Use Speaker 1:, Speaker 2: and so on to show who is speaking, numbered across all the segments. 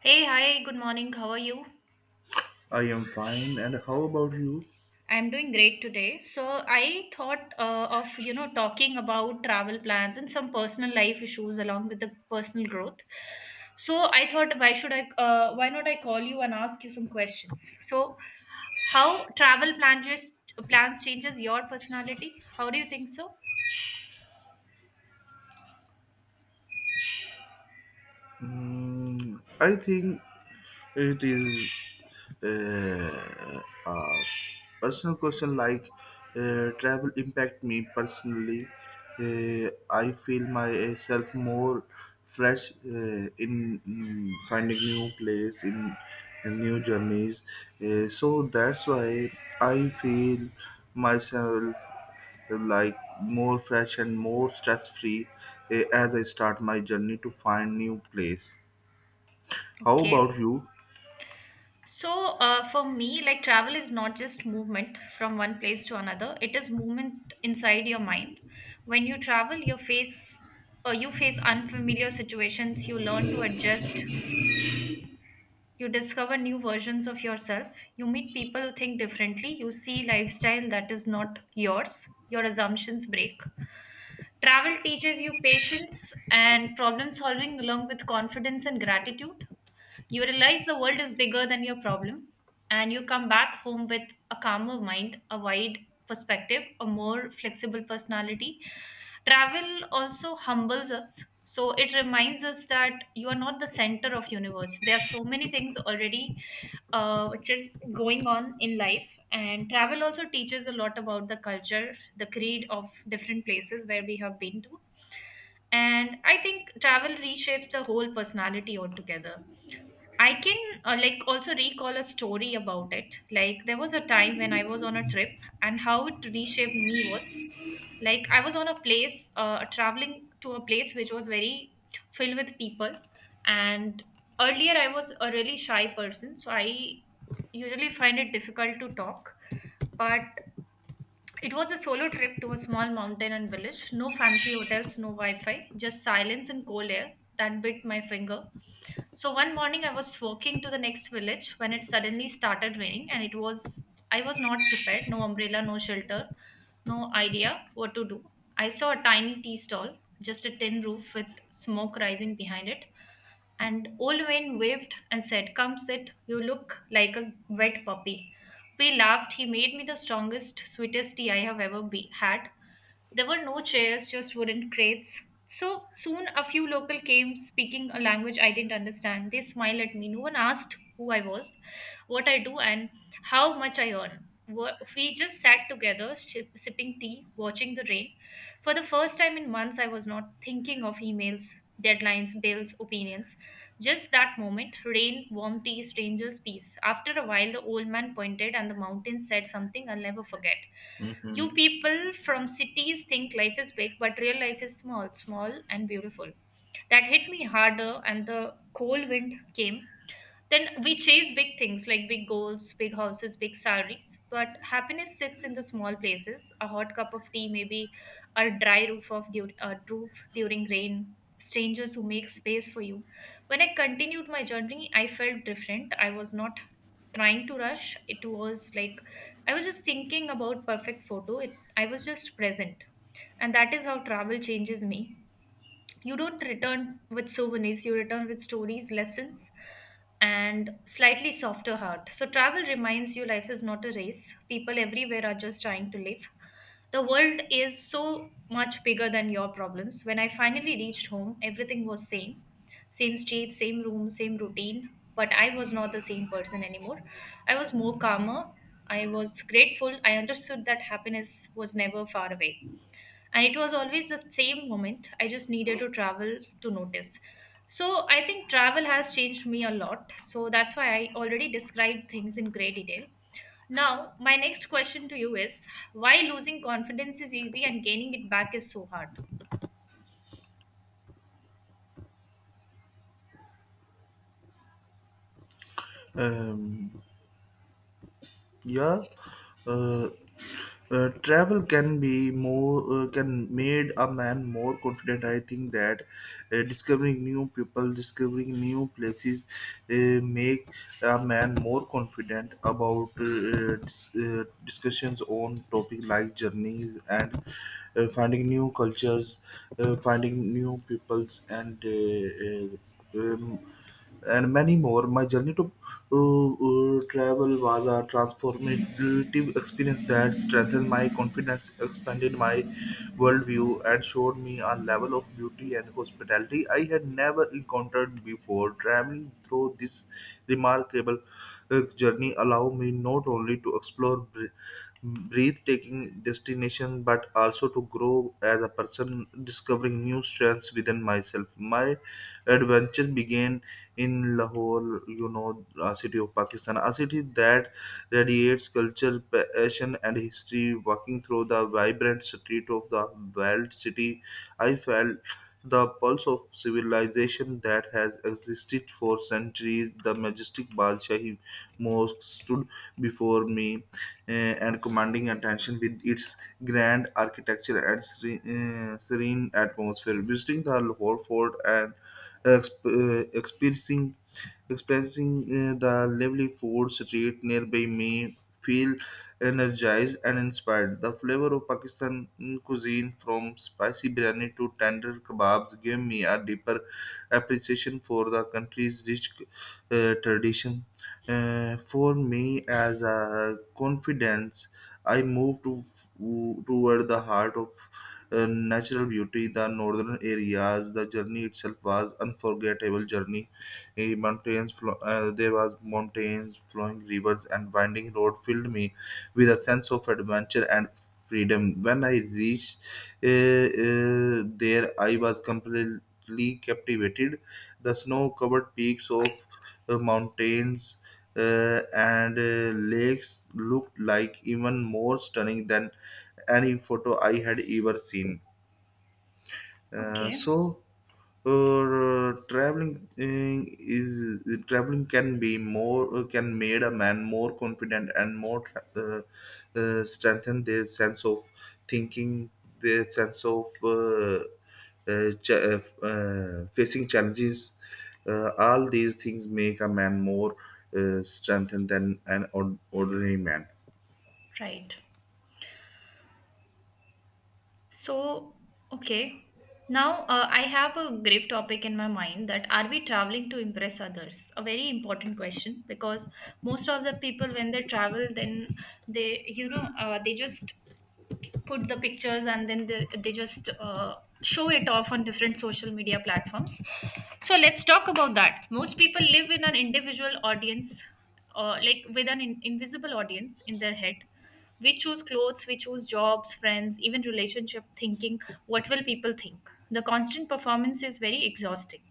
Speaker 1: Hey, hi, good morning. How are you?
Speaker 2: I am fine, and how about you?
Speaker 1: I'm doing great today. So I thought of talking about travel plans and some personal life issues along with the personal growth. So I thought why should I, why not I call you and ask you some questions. So how travel plans changes your personality? How do you think so?
Speaker 2: I think it is uh, a personal question like travel impact me personally. I feel myself more fresh in finding new place in new journeys. So that's why I feel myself like more fresh and more stress free as I start my journey to find new place. How
Speaker 1: Okay.
Speaker 2: about you?
Speaker 1: So, for me, like travel is not just movement from one place to another. It is movement inside your mind. When you travel, you face unfamiliar situations. You learn to adjust. You discover new versions of yourself. You meet people who think differently. You see lifestyle that is not yours. Your assumptions break. Travel teaches you patience and problem solving along with confidence and gratitude. You realize the world is bigger than your problem, and you come back home with a calmer mind, a wide perspective, a more flexible personality. Travel also humbles us. So it reminds us that you are not the center of universe. There are so many things already which is going on in life, and travel also teaches a lot about the culture, the creed of different places where we have been to, and I think travel reshapes the whole personality altogether. I can, like, also recall a story about it. Like, there was a time when I was on a trip and how it reshaped me was like I was on a place, traveling to a place which was very filled with people, and earlier I was a really shy person, so I usually find it difficult to talk, but it was a solo trip to a small mountain and village. No fancy hotels, no Wi Fi, just silence and cold air that bit my finger. So one morning I was walking to the next village when it suddenly started raining, and it was I was not prepared, no umbrella, no shelter, no idea what to do. I saw a tiny tea stall, just a tin roof with smoke rising behind it. And old Wayne waved and said, "Come sit, you look like a wet puppy." We laughed. He made me the strongest, sweetest tea I have ever had. There were no chairs, just wooden crates. So soon a few local came speaking a language I didn't understand. They smiled at me. No one asked who I was, what I do, and how much I earn. We just sat together, sipping tea, watching the rain. For the first time in months, I was not thinking of emails, deadlines, bills, opinions. Just that moment, rain, warm tea, strangers, peace. After a while, the old man pointed and the mountain said something I'll never forget. You
Speaker 2: hmm
Speaker 1: people from cities think life is big, but real life is small, small and beautiful. That hit me harder, and the cold wind came. Then we chase big things like big goals, big houses, big salaries. But happiness sits in the small places, a hot cup of tea, maybe a dry roof, a roof during rain, strangers who make space for you. When I continued my journey, I felt different. I was not trying to rush. It was like I was just thinking about perfect photo. I was just present. And that is how travel changes me. You don't return with souvenirs, you return with stories, lessons, and slightly softer heart. So travel reminds you life is not a race, people everywhere are just trying to live, the world is so much bigger than your problems. When I finally reached home, everything was same, same street, same room, same routine, but I was not the same person anymore. I was more calmer, I was grateful, I understood that happiness was never far away, and it was always the same moment, I just needed to travel to notice. So I think travel has changed me a lot, so that's why I already described things in great detail. Now my next question to you is, why losing confidence is easy and gaining it back is so hard.
Speaker 2: Um, yeah. Uh, Travel can be more can made a man more confident. I think that discovering new people, discovering new places, make a man more confident about discussions on topic like journeys and finding new cultures, finding new peoples, uh, um, and many more. My journey to travel was a transformative experience that strengthened my confidence, expanded my worldview, and showed me a level of beauty and hospitality I had never encountered before. Traveling through this remarkable journey allowed me not only to explore breathtaking destination but also to grow as a person discovering new strengths within myself. My adventure began in Lahore, you know, city of Pakistan, a city that radiates culture, passion, and history. Walking through the vibrant street of the walled city, I felt the pulse of civilization that has existed for centuries. The majestic Badshahi Mosque stood before me and commanding attention with its grand architecture and serene atmosphere. Visiting the Lahore Fort and exp- uh, experiencing experiencing the lovely food street nearby me feel energized and inspired. The flavor of Pakistan cuisine from spicy biryani to tender kebabs gave me a deeper appreciation for the country's rich tradition. For me, as a confidence, I moved toward the heart of natural beauty, the northern areas. The journey itself was unforgettable journey. There was mountains, flowing rivers, and winding road filled me with a sense of adventure and freedom. When I reached there, I was completely captivated. The snow covered peaks of mountains and lakes looked like even more stunning than any photo I had ever seen. Uh,
Speaker 1: Okay,
Speaker 2: so, Traveling can be more can made a man more confident and more uh, strengthen their sense of thinking, their sense of facing challenges. All these things make a man more strengthened than an ordinary man.
Speaker 1: right. So, okay. Now, I have a grave topic in my mind that are we traveling to impress others? A very important question, because most of the people, when they travel, then they, you know, they just put the pictures, and then they just, show it off on different social media platforms. So let's talk about that. Most people live in an individual audience, like with an invisible audience in their head. We choose clothes, we choose jobs, friends, even relationship thinking what will people think. The constant performance is very exhausting.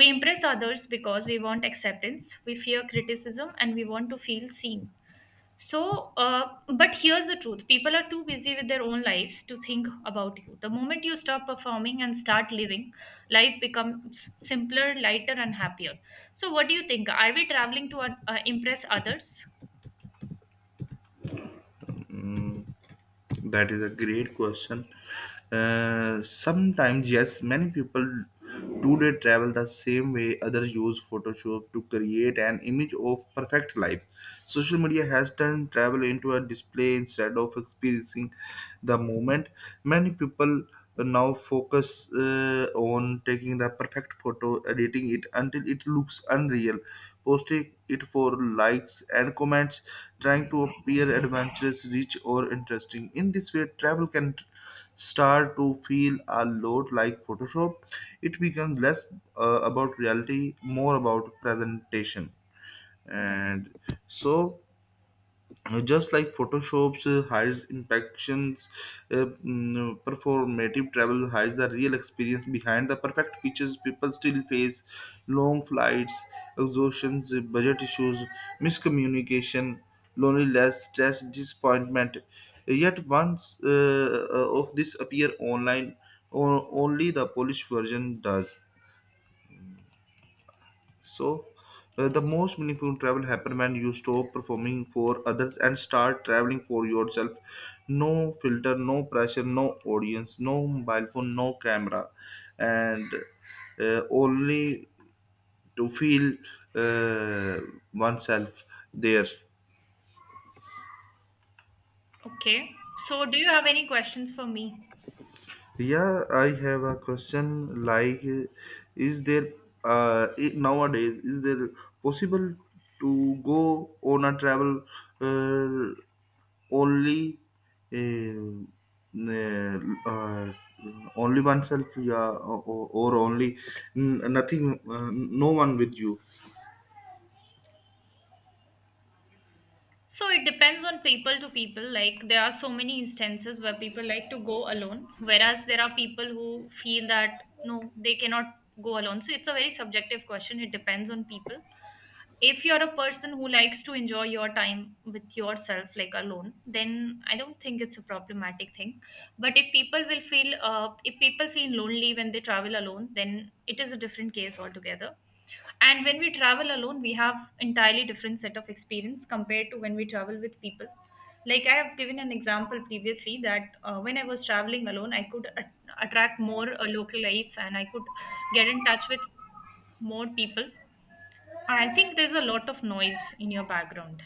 Speaker 1: We impress others because we want acceptance, we fear criticism, and we want to feel seen. So, but here's the truth, people are too busy with their own lives to think about you. The moment you stop performing and start living, life becomes simpler, lighter, and happier. So, what do you think? Are we traveling to impress others?
Speaker 2: Mm. That is a great question. Sometimes, yes, many people today travel the same way others use Photoshop to create an image of perfect life. Social media has turned travel into a display instead of experiencing the moment. Many people now focus on taking the perfect photo, editing it until it looks unreal, posting it for likes and comments, trying to appear adventurous, rich, or interesting. In this way, travel can start to feel a lot like Photoshop. It becomes less about reality, more about presentation.
Speaker 1: Right.
Speaker 2: And so, just like photoshop's hides imperfections, performative travel hides the real experience behind the perfect pictures. People still face long flights, exhaustions, budget issues, miscommunication, loneliness, stress, disappointment, yet once of this appear online, only the polish version does. So, the most meaningful travel happen when you stop performing for others and start traveling for yourself. No filter, no pressure, no audience, no mobile phone, no camera, and only to feel uh, oneself there.
Speaker 1: Okay. So, do you have any questions for me?
Speaker 2: Yeah, I have a question. Like, is there nowadays is there possible to go on a travel? Uh, Only um, uh, only oneself, yeah, or only nothing, no one with you.
Speaker 1: So, it depends on people to people. Like, there are so many instances where people like to go alone, whereas there are people who feel that no, they cannot go alone. So, it's a very subjective question. It depends on people. If you're a person who likes to enjoy your time with yourself, like alone, then I don't think it's a problematic thing, but if people will feel, if people feel lonely when they travel alone, then it is a different case altogether. And when we travel alone, we have entirely different set of experience compared to when we travel with people. Like, I have given an example previously that, when I was traveling alone, I could attract more localites, and I could get in touch with more people. I think there's a lot of noise in your background.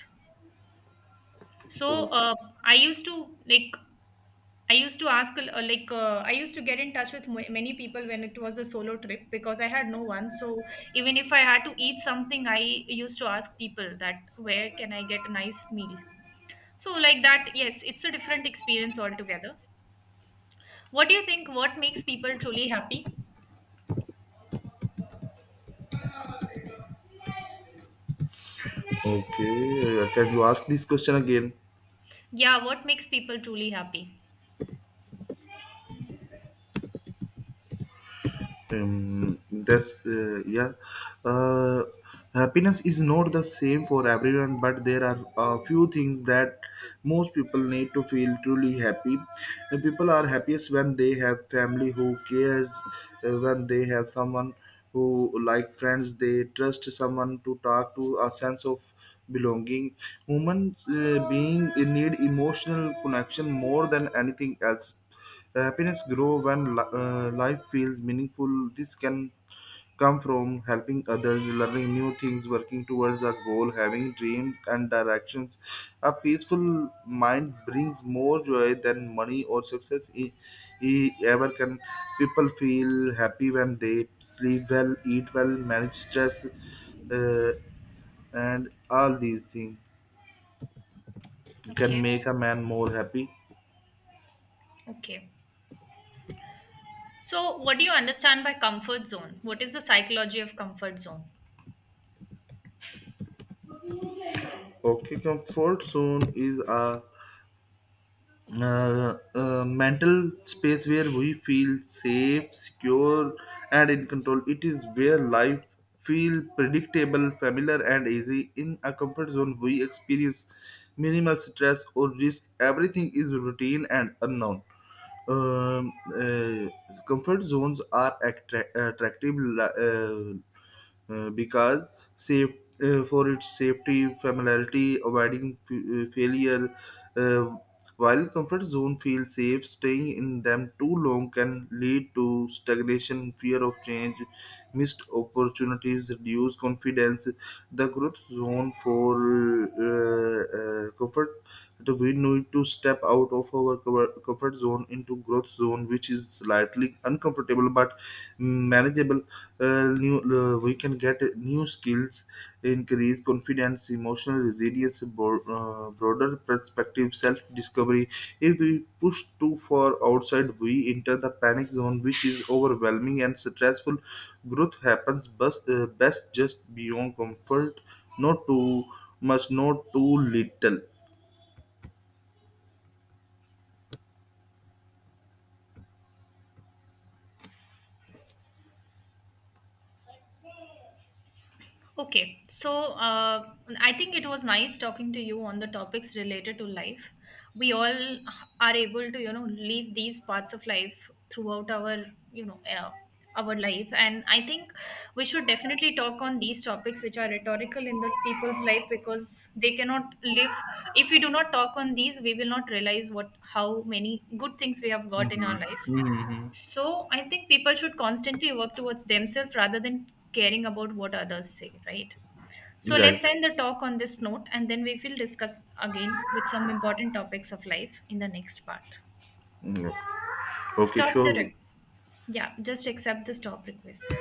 Speaker 1: So
Speaker 2: Oh,
Speaker 1: I used to like I used to get in touch with many people when it was a solo trip because I had no one. So even if I had to eat something, I used to ask people that where can I get a nice meal. So like that, yes, it's a different experience altogether. What do you think? What makes people truly happy?
Speaker 2: okay, can you ask this question again?
Speaker 1: Yeah, what makes people truly happy?
Speaker 2: That's Yeah. Uh, Happiness is not the same for everyone, but there are a few things that most people need to feel truly happy. And people are happiest when they have family who cares, when they have someone who like friends they trust, someone to talk to, a sense of belonging. Human being need emotional connection more than anything else. The happiness grows when life feels meaningful. This can come from helping others, learning new things, working towards a goal, having dreams and directions. A peaceful mind brings more joy than money or success ever can. People feel happy when they sleep well, eat well, manage stress, uh, and all these things can
Speaker 1: Okay,
Speaker 2: make a man more happy.
Speaker 1: okay. So, what do you understand by comfort zone? What is the psychology of comfort zone?
Speaker 2: Okay, comfort zone is a mental space where we feel safe, secure, and in control. It is where life feels predictable, familiar, and easy. In a comfort zone, we experience minimal stress or risk. Everything is routine and unknown. Um, uh, Comfort zones are attractive, because safe for its safety, familiarity, avoiding failure. Uh, while comfort zone feels safe, staying in them too long can lead to stagnation, fear of change, missed opportunities, reduced confidence. The growth zone for comfort, that we need to step out of our comfort zone into growth zone, which is slightly uncomfortable but manageable. We can get new skills, increase confidence, emotional resilience, broader perspective, self-discovery. If we push too far outside, we enter the panic zone, which is overwhelming and stressful. Growth happens best, best just beyond comfort, not too much, not too little.
Speaker 1: Okay, so I think it was nice talking to you on the topics related to life. We all are able to, you know, live these parts of life throughout our, you know, uh, our life, and I think we should definitely talk on these topics which are rhetorical in the people's life because they cannot live. If we do not talk on these, we will not realize what how many good things we have got in our life.
Speaker 2: Mm-hmm. Mm-hmm.
Speaker 1: So I think people should constantly work towards themselves rather than caring about what others say, right? So let's
Speaker 2: Right.
Speaker 1: end the talk on this note, and then we will discuss again with some important topics of life in the next part.
Speaker 2: Mm. Okay,
Speaker 1: Stop the
Speaker 2: sure.
Speaker 1: yeah, just accept the stop request.